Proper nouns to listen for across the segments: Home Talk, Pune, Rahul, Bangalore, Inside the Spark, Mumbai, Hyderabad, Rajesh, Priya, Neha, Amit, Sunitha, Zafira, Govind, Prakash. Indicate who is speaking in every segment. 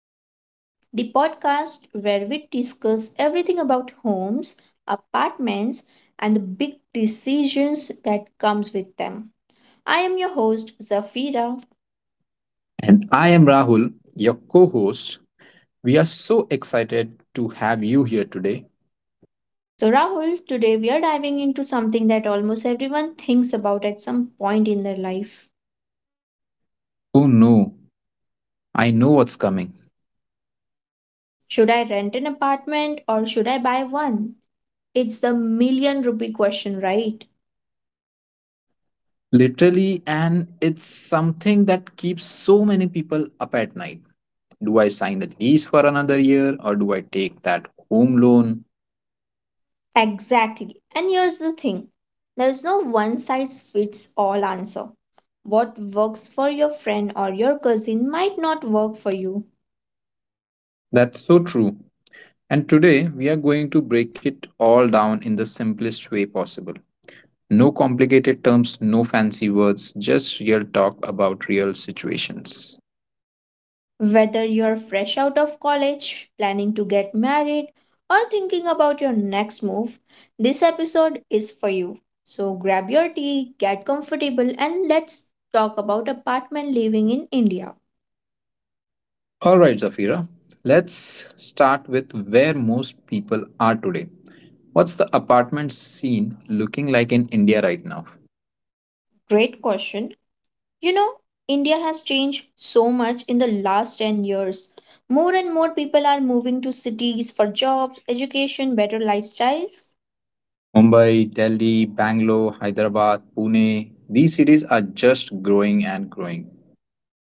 Speaker 1: Home Talk, the podcast where we discuss everything about homes, apartments, and the big decisions that comes with them. I am your host, Zafira.
Speaker 2: And I am Rahul, your co host. We are so excited to have you here today.
Speaker 1: So, Rahul, today we are diving into something that almost everyone thinks about at some point in their life.
Speaker 2: Oh no, I know what's coming.
Speaker 1: Should I rent an apartment or should I buy one? It's the million rupee question, right?
Speaker 2: Literally, and it's something that keeps so many people up at night. Do I sign the lease for another year or do I take that home loan?
Speaker 1: Exactly. And here's the thing, there's no one size fits all answer. What works for your friend or your cousin might not work for you.
Speaker 2: That's so true. And today, we are going to break it all down in the simplest way possible. No complicated terms, no fancy words, just real talk about real situations.
Speaker 1: Whether you're fresh out of college, planning to get married, or thinking about your next move, this episode is for you. So grab your tea, get comfortable, and let's talk about apartment living in India.
Speaker 2: All right, Zafira, let's start with where most people are today. What's the apartment scene looking like in India right now?
Speaker 1: Great question. You know, India has changed so much in the last 10 years. More and more people are moving to cities for jobs, education, better lifestyles.
Speaker 2: Mumbai, Delhi, Bangalore, Hyderabad, Pune, these cities are just growing and growing.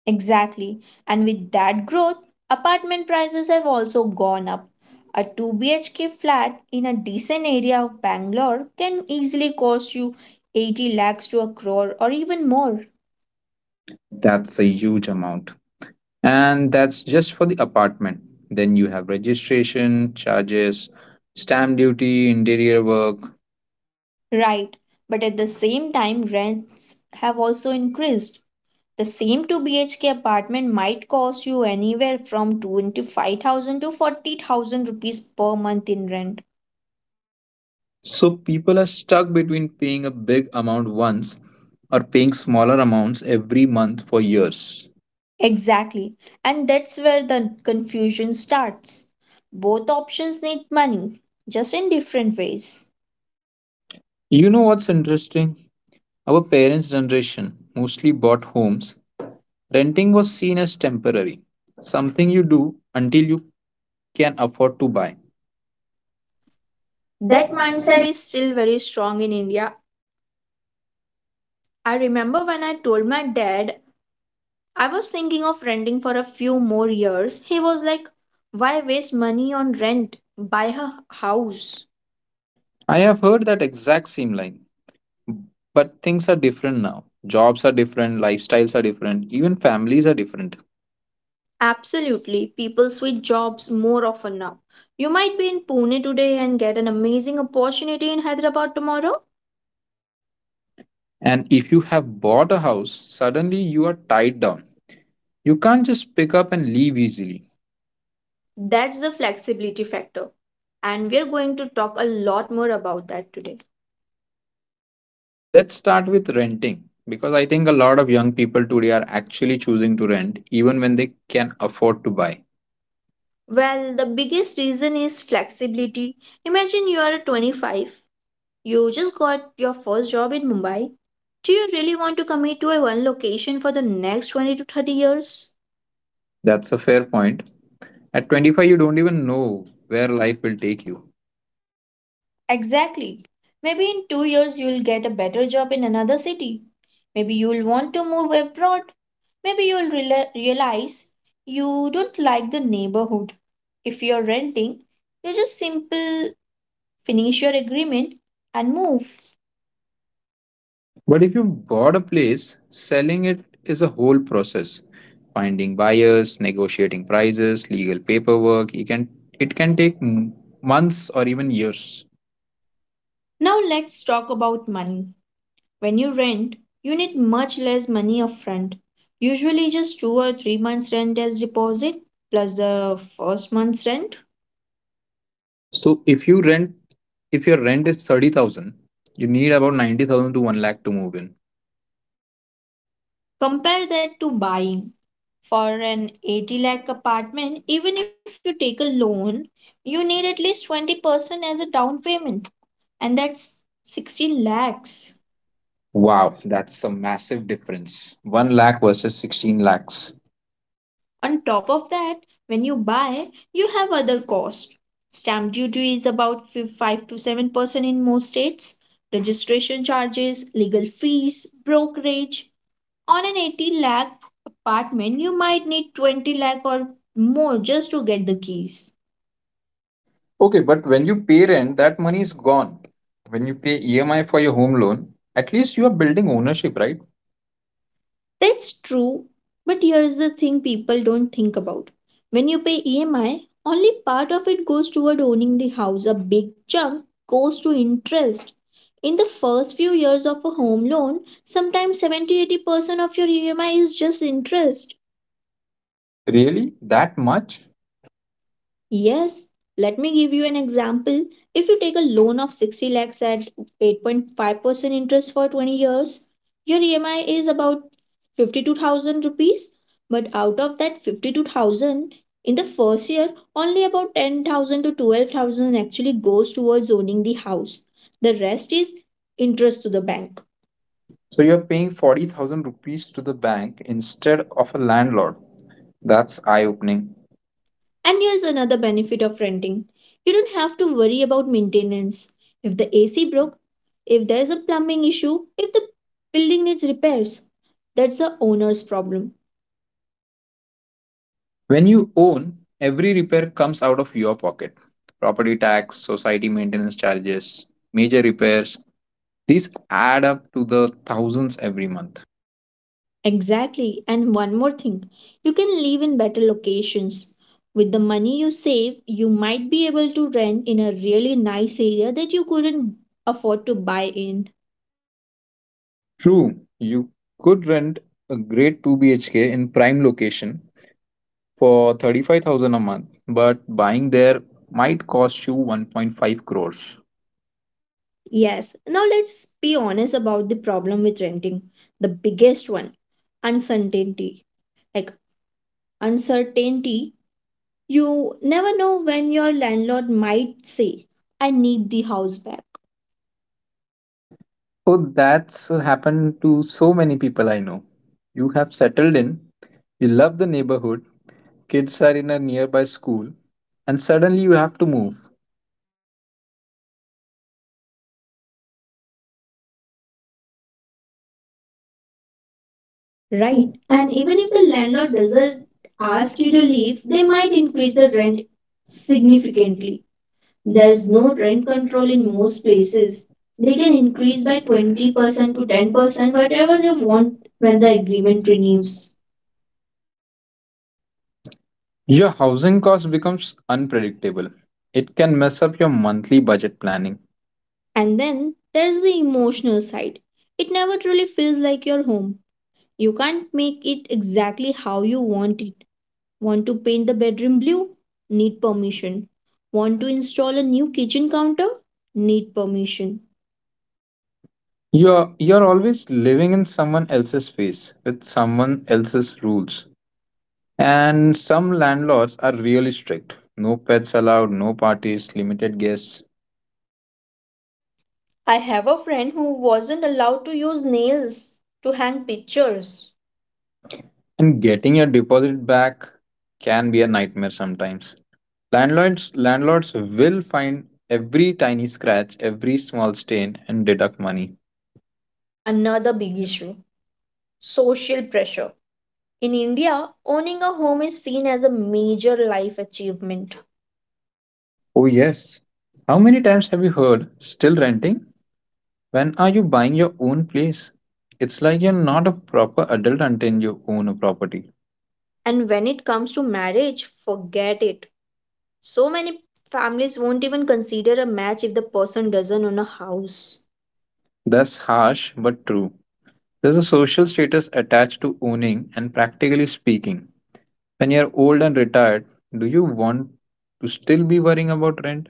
Speaker 1: Exactly. And with that growth, apartment prices have also gone up. A 2 BHK flat in a decent area of Bangalore can easily cost you 80 lakhs to a crore or even more.
Speaker 2: That's a huge amount. And that's just for the apartment. Then you have registration, charges, stamp duty, interior work.
Speaker 1: Right. But at the same time, rents have also increased. The same 2 BHK apartment might cost you anywhere from 25,000 to 40,000 rupees per month in rent.
Speaker 2: So people are stuck between paying a big amount once or paying smaller amounts every month for years.
Speaker 1: Exactly. And that's where the confusion starts. Both options need money, just in different ways.
Speaker 2: You know what's interesting? Our parents' generation mostly bought homes. Renting was seen as temporary, something you do until you can afford to buy. That
Speaker 1: That
Speaker 2: mindset,
Speaker 1: mindset is still very strong in India. I remember when I told my dad I was thinking of renting for a few more years, he was like, "Why waste money on rent? Buy a house."
Speaker 2: I have heard that exact same line. But things are different now. Jobs are different, lifestyles are different, even families are different.
Speaker 1: Absolutely, people switch jobs more often now. You might be in Pune today and get an amazing opportunity in Hyderabad tomorrow.
Speaker 2: And if you have bought a house, suddenly you are tied down. You can't just pick up and leave easily.
Speaker 1: That's the flexibility factor. And we're going to talk a lot more about that today.
Speaker 2: Let's start with renting because I think a lot of young people today are actually choosing to rent even when they can afford to buy.
Speaker 1: Well, the biggest reason is flexibility. Imagine you are 25, you just got your first job in Mumbai. Do you really want to commit to a one location for the next 20 to 30 years?
Speaker 2: That's a fair point. At 25, you don't even know where life will take you.
Speaker 1: Exactly. Maybe in 2 years you'll get a better job in another city. Maybe you'll want to move abroad. Maybe you'll realize you don't like the neighborhood. If you're renting, you just simple finish your agreement and move.
Speaker 2: But if you bought a place, selling it is a whole process. Finding buyers, negotiating prices, legal paperwork, you can it can take months or even years.
Speaker 1: Now let's talk about money. When you rent, you need much less money upfront. Usually just 2 or 3 months rent as deposit plus the first month's rent.
Speaker 2: So if you rent, if your rent is 30,000, you need about 90,000 to 1 lakh to move in.
Speaker 1: Compare that to buying for an 80 lakh apartment, even if you take a loan, you need at least 20% as a down payment, and that's 16 lakhs.
Speaker 2: Wow, that's a massive difference. 1 lakh versus 16 lakhs.
Speaker 1: On top of that, when you buy, you have other costs. Stamp duty is about 5 to 7% in most states, registration charges, legal fees, brokerage. On an 80 lakh apartment, you might need 20 lakh or more just to get the keys.
Speaker 2: Okay, but when you pay rent, that money is gone. When you pay EMI for your home loan, at least you are building ownership, right?
Speaker 1: That's true, but here's the thing people don't think about. When you pay EMI, only part of it goes toward owning the house, a big chunk goes to interest. In the first few years of a home loan, sometimes 70 80% of your EMI is just interest.
Speaker 2: Really? That much?
Speaker 1: Yes, let me give you an example. If you take a loan of 60 lakhs at 8.5% interest for 20 years, your EMI is about 52,000 rupees. But out of that 52,000, in the first year, only about 10,000 to 12,000 actually goes towards owning the house. The rest is interest to the bank.
Speaker 2: So you're paying 40,000 rupees to the bank instead of a landlord. That's eye opening.
Speaker 1: And here's another benefit of renting, you don't have to worry about maintenance. If the AC broke, if there's a plumbing issue, if the building needs repairs, that's the owner's problem.
Speaker 2: When you own, every repair comes out of your pocket. Property tax, society maintenance charges, major repairs, these add up to the thousands every month.
Speaker 1: Exactly. And one more thing, you can live in better locations. With the money you save, you might be able to rent in a really nice area that you couldn't afford to buy in.
Speaker 2: True, you could rent a great 2 BHK in prime location for 35,000 a month, but buying there might cost you 1.5 crores.
Speaker 1: Yes, now let's be honest about the problem with renting. The biggest one, uncertainty. Like, uncertainty, you never know when your landlord might say, "I need the house back,"
Speaker 2: Oh, that's happened to so many people I know. You have settled in, you love the neighborhood, kids are in a nearby school, and suddenly you have to move. Right.
Speaker 1: right?
Speaker 2: And
Speaker 1: And
Speaker 2: even
Speaker 1: even
Speaker 2: if
Speaker 1: if
Speaker 2: the
Speaker 1: the
Speaker 2: landlord
Speaker 1: landlord
Speaker 2: doesn't
Speaker 1: doesn't
Speaker 2: ask
Speaker 1: ask
Speaker 2: you
Speaker 1: you to
Speaker 2: to leave,
Speaker 1: leave, they
Speaker 2: they might
Speaker 1: might
Speaker 2: increase
Speaker 1: increase
Speaker 2: the
Speaker 1: the rent
Speaker 2: rent significantly.
Speaker 1: significantly.
Speaker 2: There
Speaker 1: There
Speaker 2: is
Speaker 1: is
Speaker 2: no
Speaker 1: no
Speaker 2: rent
Speaker 1: rent
Speaker 2: control
Speaker 1: control in
Speaker 2: in most
Speaker 1: most
Speaker 2: places.
Speaker 1: places.
Speaker 2: They
Speaker 1: They
Speaker 2: can
Speaker 1: can
Speaker 2: increase
Speaker 1: increase by
Speaker 2: by 20%
Speaker 1: 20% to
Speaker 2: to 10%,
Speaker 1: 10%,
Speaker 2: whatever
Speaker 1: whatever
Speaker 2: they
Speaker 1: they
Speaker 2: want
Speaker 1: want
Speaker 2: when
Speaker 1: when the
Speaker 2: the agreement
Speaker 1: agreement
Speaker 2: renews.
Speaker 1: renews.
Speaker 2: Your housing cost becomes unpredictable. It can mess up your monthly budget planning.
Speaker 1: And then there's the emotional side. It never truly feels like your home. You can't make it exactly how you want it. Want to paint the bedroom blue? Need permission. Want to install a new kitchen counter? Need permission.
Speaker 2: You're always living in someone else's space with someone else's rules. And some landlords are really strict. No pets allowed, no parties, limited guests.
Speaker 1: I have a friend who wasn't allowed to use nails to hang pictures.
Speaker 2: And getting your deposit back can be a nightmare sometimes. Landlords will find every tiny scratch, every small stain and deduct money.
Speaker 1: Another big issue, social pressure. In India, owning a home is seen as a major life achievement.
Speaker 2: Oh, yes. How many times have you heard still renting? When are you buying your own place? It's like you're not a proper adult until you own a property.
Speaker 1: And when it comes to marriage, forget it. So many families won't even consider a match if the person doesn't own a house.
Speaker 2: That's harsh but true. There's a social status attached to owning, and practically speaking, when you're old and retired, do you want to still be worrying about rent?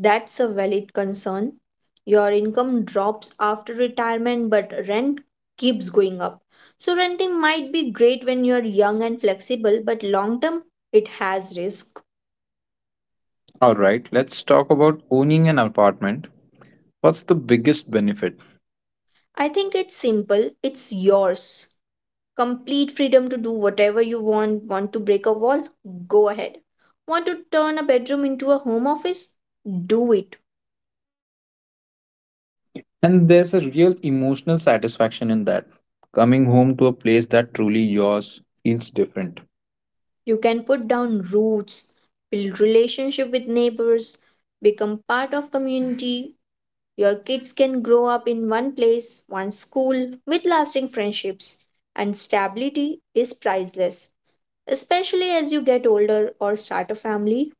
Speaker 1: That's a valid concern. Your income drops after retirement, but rent keeps going up. So, renting might be great when you're young and flexible, but long term, it has risk.
Speaker 2: Alright, let's talk about owning an apartment. What's the biggest benefit?
Speaker 1: I think it's simple, it's yours. Complete freedom to do whatever you want. Want to break a wall? Go ahead. Want to turn a bedroom into a home office? Do it.
Speaker 2: And there's a real emotional satisfaction in that. Coming home to a place that truly yours feels different.
Speaker 1: You can put down roots, build relationship with neighbors, become part of community. Your kids can grow up in one place, one school, with lasting friendships, and stability is priceless, especially as you get older or start a family.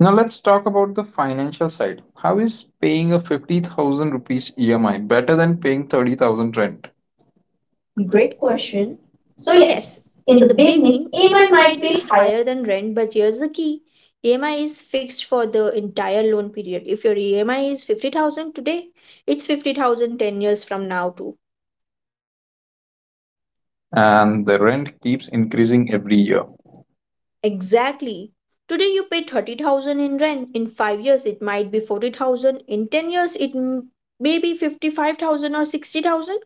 Speaker 2: Now let's talk about the financial side. How is paying a 50,000 rupees EMI better than paying 30,000 rent? Great
Speaker 1: Great
Speaker 2: question.
Speaker 1: question.
Speaker 2: So
Speaker 1: So, yes,
Speaker 2: yes, in
Speaker 1: in
Speaker 2: the
Speaker 1: the
Speaker 2: beginning,
Speaker 1: beginning,
Speaker 2: EMI
Speaker 1: EMI
Speaker 2: might
Speaker 1: might
Speaker 2: be
Speaker 1: be
Speaker 2: higher.
Speaker 1: higher than rent, but here's the key, EMI is fixed for the entire loan period. If your EMI is 50,000 today, it's 50,000 10 years from now, too.
Speaker 2: And the rent keeps increasing every year.
Speaker 1: Exactly. Today you pay 30,000 in rent. In 5 years it might be 40,000. In 10 years it may be 55,000 or 60,000.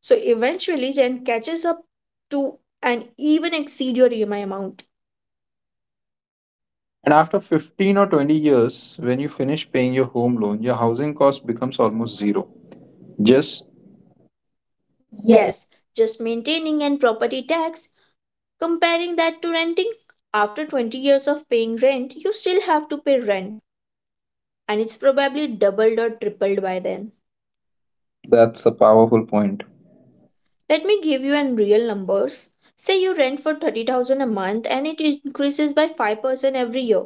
Speaker 1: So eventually rent catches up to and even exceed your EMI amount.
Speaker 2: And after 15 or 20 years, when you finish paying your home loan, your housing cost becomes almost zero. Just yes.
Speaker 1: Yes, just maintaining and property tax, comparing that to renting, after 20 years of paying rent, you still have to pay rent and it's probably doubled or tripled by then.
Speaker 2: That's a powerful point.
Speaker 1: Let me give you an real numbers. Say you rent for 30,000 a month and it increases by 5% every year.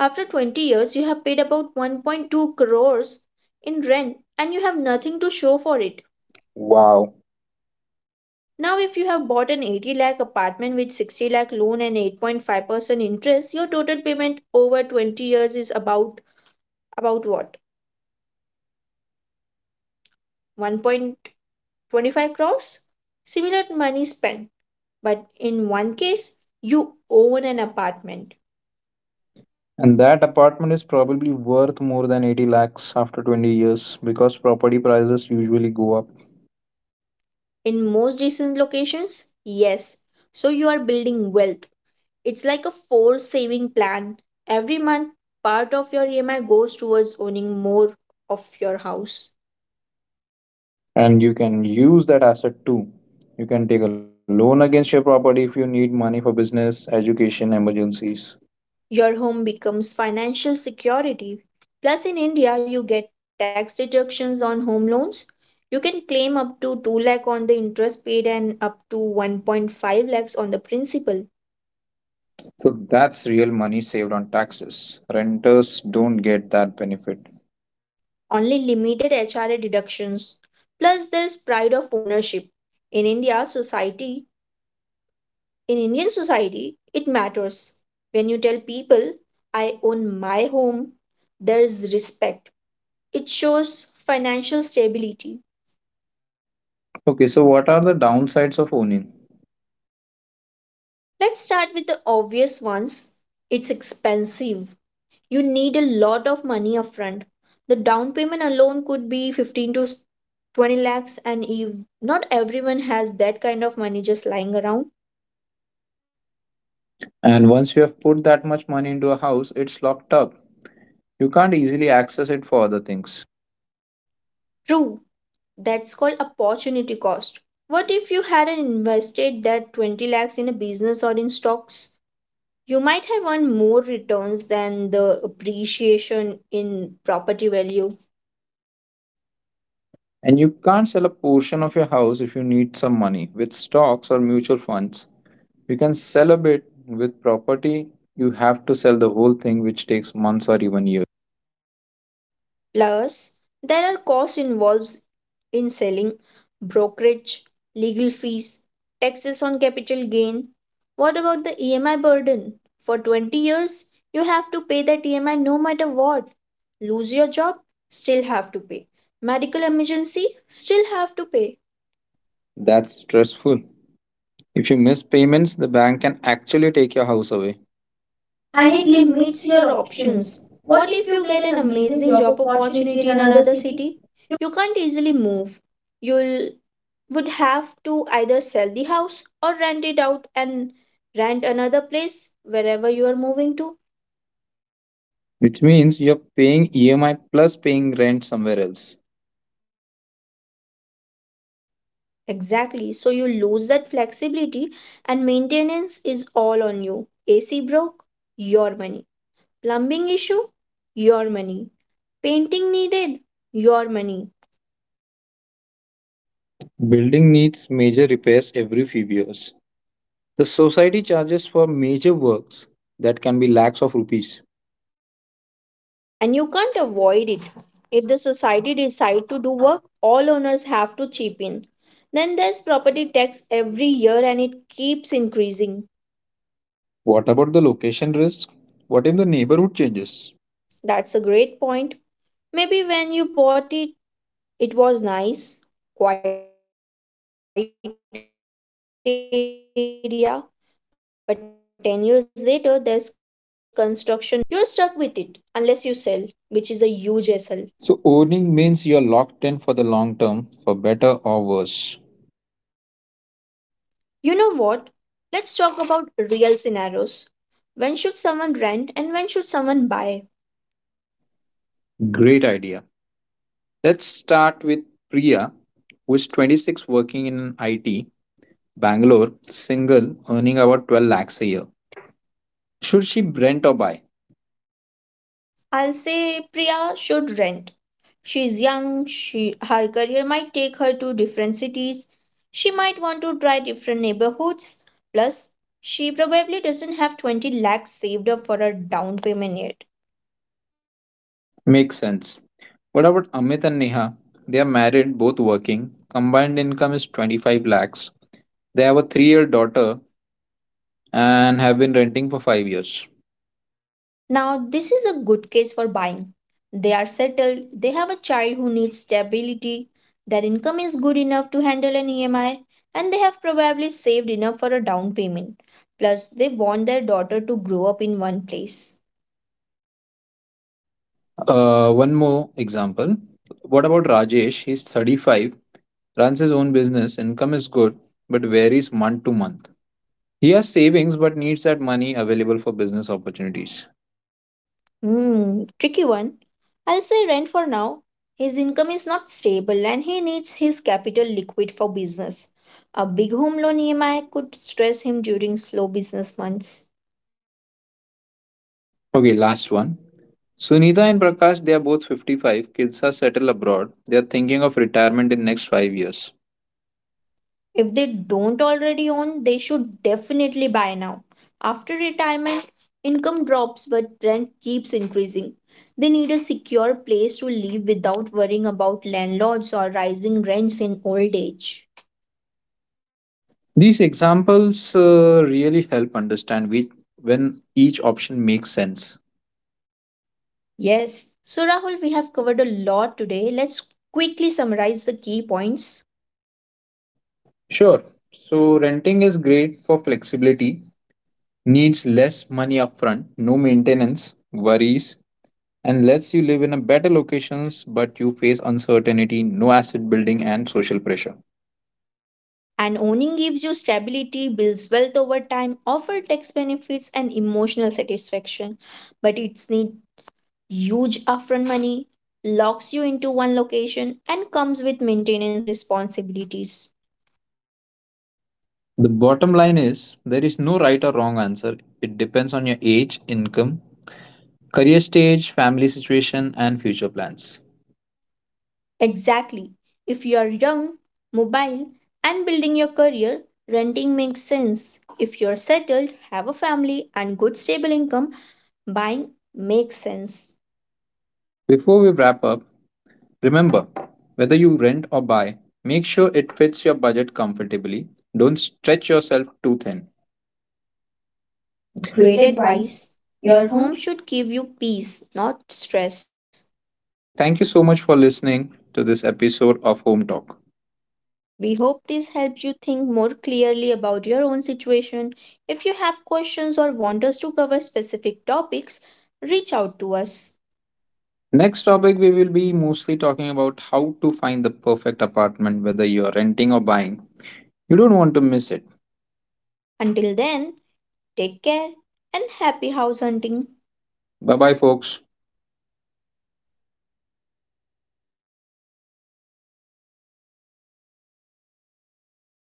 Speaker 1: After 20 years you have paid about 1.2 crores in rent and you have nothing to show for it.
Speaker 2: Wow.
Speaker 1: Now if you have bought an 80 lakh apartment with 60 lakh loan and 8.5% interest, your total payment over 20 years is about what? 1.25 crores? Similar money spent, but in one case you own an apartment
Speaker 2: And that apartment is probably worth more than 80 lakhs after 20 years because property prices usually go up.
Speaker 1: in most recent locations? Yes. So you are building wealth. It's like a forced saving plan. Every month, part of your EMI goes towards owning more of your house.
Speaker 2: And you can use that asset too. You can take a loan against your property if you need money for business, education, emergencies.
Speaker 1: Your home becomes financial security. Plus, in India, you get tax deductions on home loans. You can claim up to 2 lakh on the interest paid and up to 1.5 lakhs on the principal.
Speaker 2: So that's real money saved on taxes. Renters don't get that benefit.
Speaker 1: Only limited HRA deductions. Plus, there's pride of ownership. In India society, in Indian society, it matters. When you tell people, "I own my home," there's respect. It shows financial stability.
Speaker 2: Okay, so what are the downsides of owning?
Speaker 1: Let's start with the obvious ones. It's expensive. You need a lot of money upfront. The down payment alone could be 15 to 20 lakhs, and not everyone has that kind of money just lying around.
Speaker 2: And once you have put that much money into a house, it's locked up. You can't easily access it for other things.
Speaker 1: True, that's called opportunity cost. What if you hadn't invested that 20 lakhs in a business or in stocks? You might have earned more returns than the appreciation in property value.
Speaker 2: And you can't sell a portion of your house if you need some money. With stocks or mutual funds, you can sell a bit. With property, you have to sell the whole thing, which takes months or even years.
Speaker 1: Plus, there are costs involved in selling, brokerage, legal fees, taxes on capital gain. What about the EMI burden? For 20 years, you have to pay that EMI no matter what. Lose your job, still have to pay. Medical emergency, still have to pay.
Speaker 2: That's stressful. If you miss payments, the bank can actually take your house away. And
Speaker 1: And
Speaker 2: it
Speaker 1: it
Speaker 2: limits
Speaker 1: limits
Speaker 2: your
Speaker 1: your
Speaker 2: options.
Speaker 1: options.
Speaker 2: What
Speaker 1: What
Speaker 2: if
Speaker 1: if
Speaker 2: you
Speaker 1: you
Speaker 2: get
Speaker 1: get
Speaker 2: an
Speaker 1: an
Speaker 2: amazing
Speaker 1: amazing
Speaker 2: job
Speaker 1: job
Speaker 2: opportunity
Speaker 1: opportunity
Speaker 2: in
Speaker 1: in
Speaker 2: another
Speaker 1: another
Speaker 2: city?
Speaker 1: city? You can't easily move. You'll would have to either sell the house or rent it out and rent another place wherever you are moving to.
Speaker 2: Which means you're paying EMI plus paying rent somewhere else.
Speaker 1: Exactly. So you lose that flexibility and maintenance is all on you. AC broke, your money. Plumbing issue, your money. Painting needed, your money.
Speaker 2: Building needs major repairs every few years. The society charges for major works that can be lakhs of rupees.
Speaker 1: And you can't avoid it. If the society decide to do work, all owners have to chip in. Then there's property tax every year and it keeps increasing.
Speaker 2: What about the location risk? What if the neighborhood changes?
Speaker 1: That's a great point. Maybe when you bought it, it was nice, quiet area, but 10 years later, there's construction noise, traffic has increased, or the area has become less safe. You're stuck with it unless you sell, which is a huge hassle.
Speaker 2: So, owning means you're locked in for the long term, for better or worse.
Speaker 1: You know what? Let's talk about real scenarios. When should someone rent and when should someone buy?
Speaker 2: Great idea. Let's start with Priya, who is 26 working in IT, Bangalore, single, earning about 12 lakhs a year. Should she rent or buy?
Speaker 1: I'll say Priya should rent. She's young, she her career might take her to different cities. She might want to try different neighborhoods. Plus, she probably doesn't have 20 lakhs saved up for a down payment yet.
Speaker 2: Makes sense. What about Amit and Neha? They are married, both working. Combined income is 25 lakhs. They have a 3 year daughter and have been renting for 5 years.
Speaker 1: Now, this is a good case for buying. They are settled, they have a child who needs stability, their income is good enough to handle an EMI, and they have probably saved enough for a down payment. Plus, they want their daughter to grow up in one place.
Speaker 2: One more example. What about Rajesh? He's 35, runs his own business, income is good, but varies month to month. He has savings but needs that money available for business opportunities.
Speaker 1: Hmm, tricky one. I'll say rent for now. His income is not stable and he needs his capital liquid for business. A big home loan EMI could stress him during slow business months.
Speaker 2: Okay, last one. Sunitha and Prakash, they are both 55. Kids are settled abroad. They are thinking of retirement in next 5 years.
Speaker 1: If they don't already own, they should definitely buy now. After retirement, income drops but rent keeps increasing. They need a secure place to live without worrying about landlords or rising rents in old age.
Speaker 2: These examples really help understand when each option makes sense.
Speaker 1: Yes. So, Rahul, we have covered a lot today. Let's quickly summarize the key points.
Speaker 2: Sure. So renting is great for flexibility, needs less money upfront, no maintenance, worries, and lets you live in a better locations but you face uncertainty, no asset building and social pressure.
Speaker 1: And owning gives you stability, builds wealth over time, offer tax benefits, and emotional satisfaction. But it's need huge upfront money, locks you into one location, and comes with maintenance responsibilities.
Speaker 2: The bottom line is there is no right or wrong answer. It depends on your age, income, career stage, family situation and future plans.
Speaker 1: Exactly. If you are young, mobile, and building your career, renting makes sense. If you're settled, have a family, and good stable income, buying makes sense.
Speaker 2: Before we wrap up, remember whether you rent or buy, make sure it fits your budget comfortably. Don't stretch yourself too thin. Great
Speaker 1: Great
Speaker 2: advice.
Speaker 1: advice.
Speaker 2: Your
Speaker 1: Your
Speaker 2: home.
Speaker 1: home should give you peace, not stress.
Speaker 2: Thank you so much for listening to this episode of Home Talk.
Speaker 1: We hope this helps you think more clearly about your own situation. If you have questions or want us to cover specific topics, reach out to us.
Speaker 2: Next topic, we will be mostly talking about how to find the perfect apartment, whether you are renting or buying. You don't want to miss it.
Speaker 1: Until then, take care and happy house hunting.
Speaker 2: Bye bye, folks.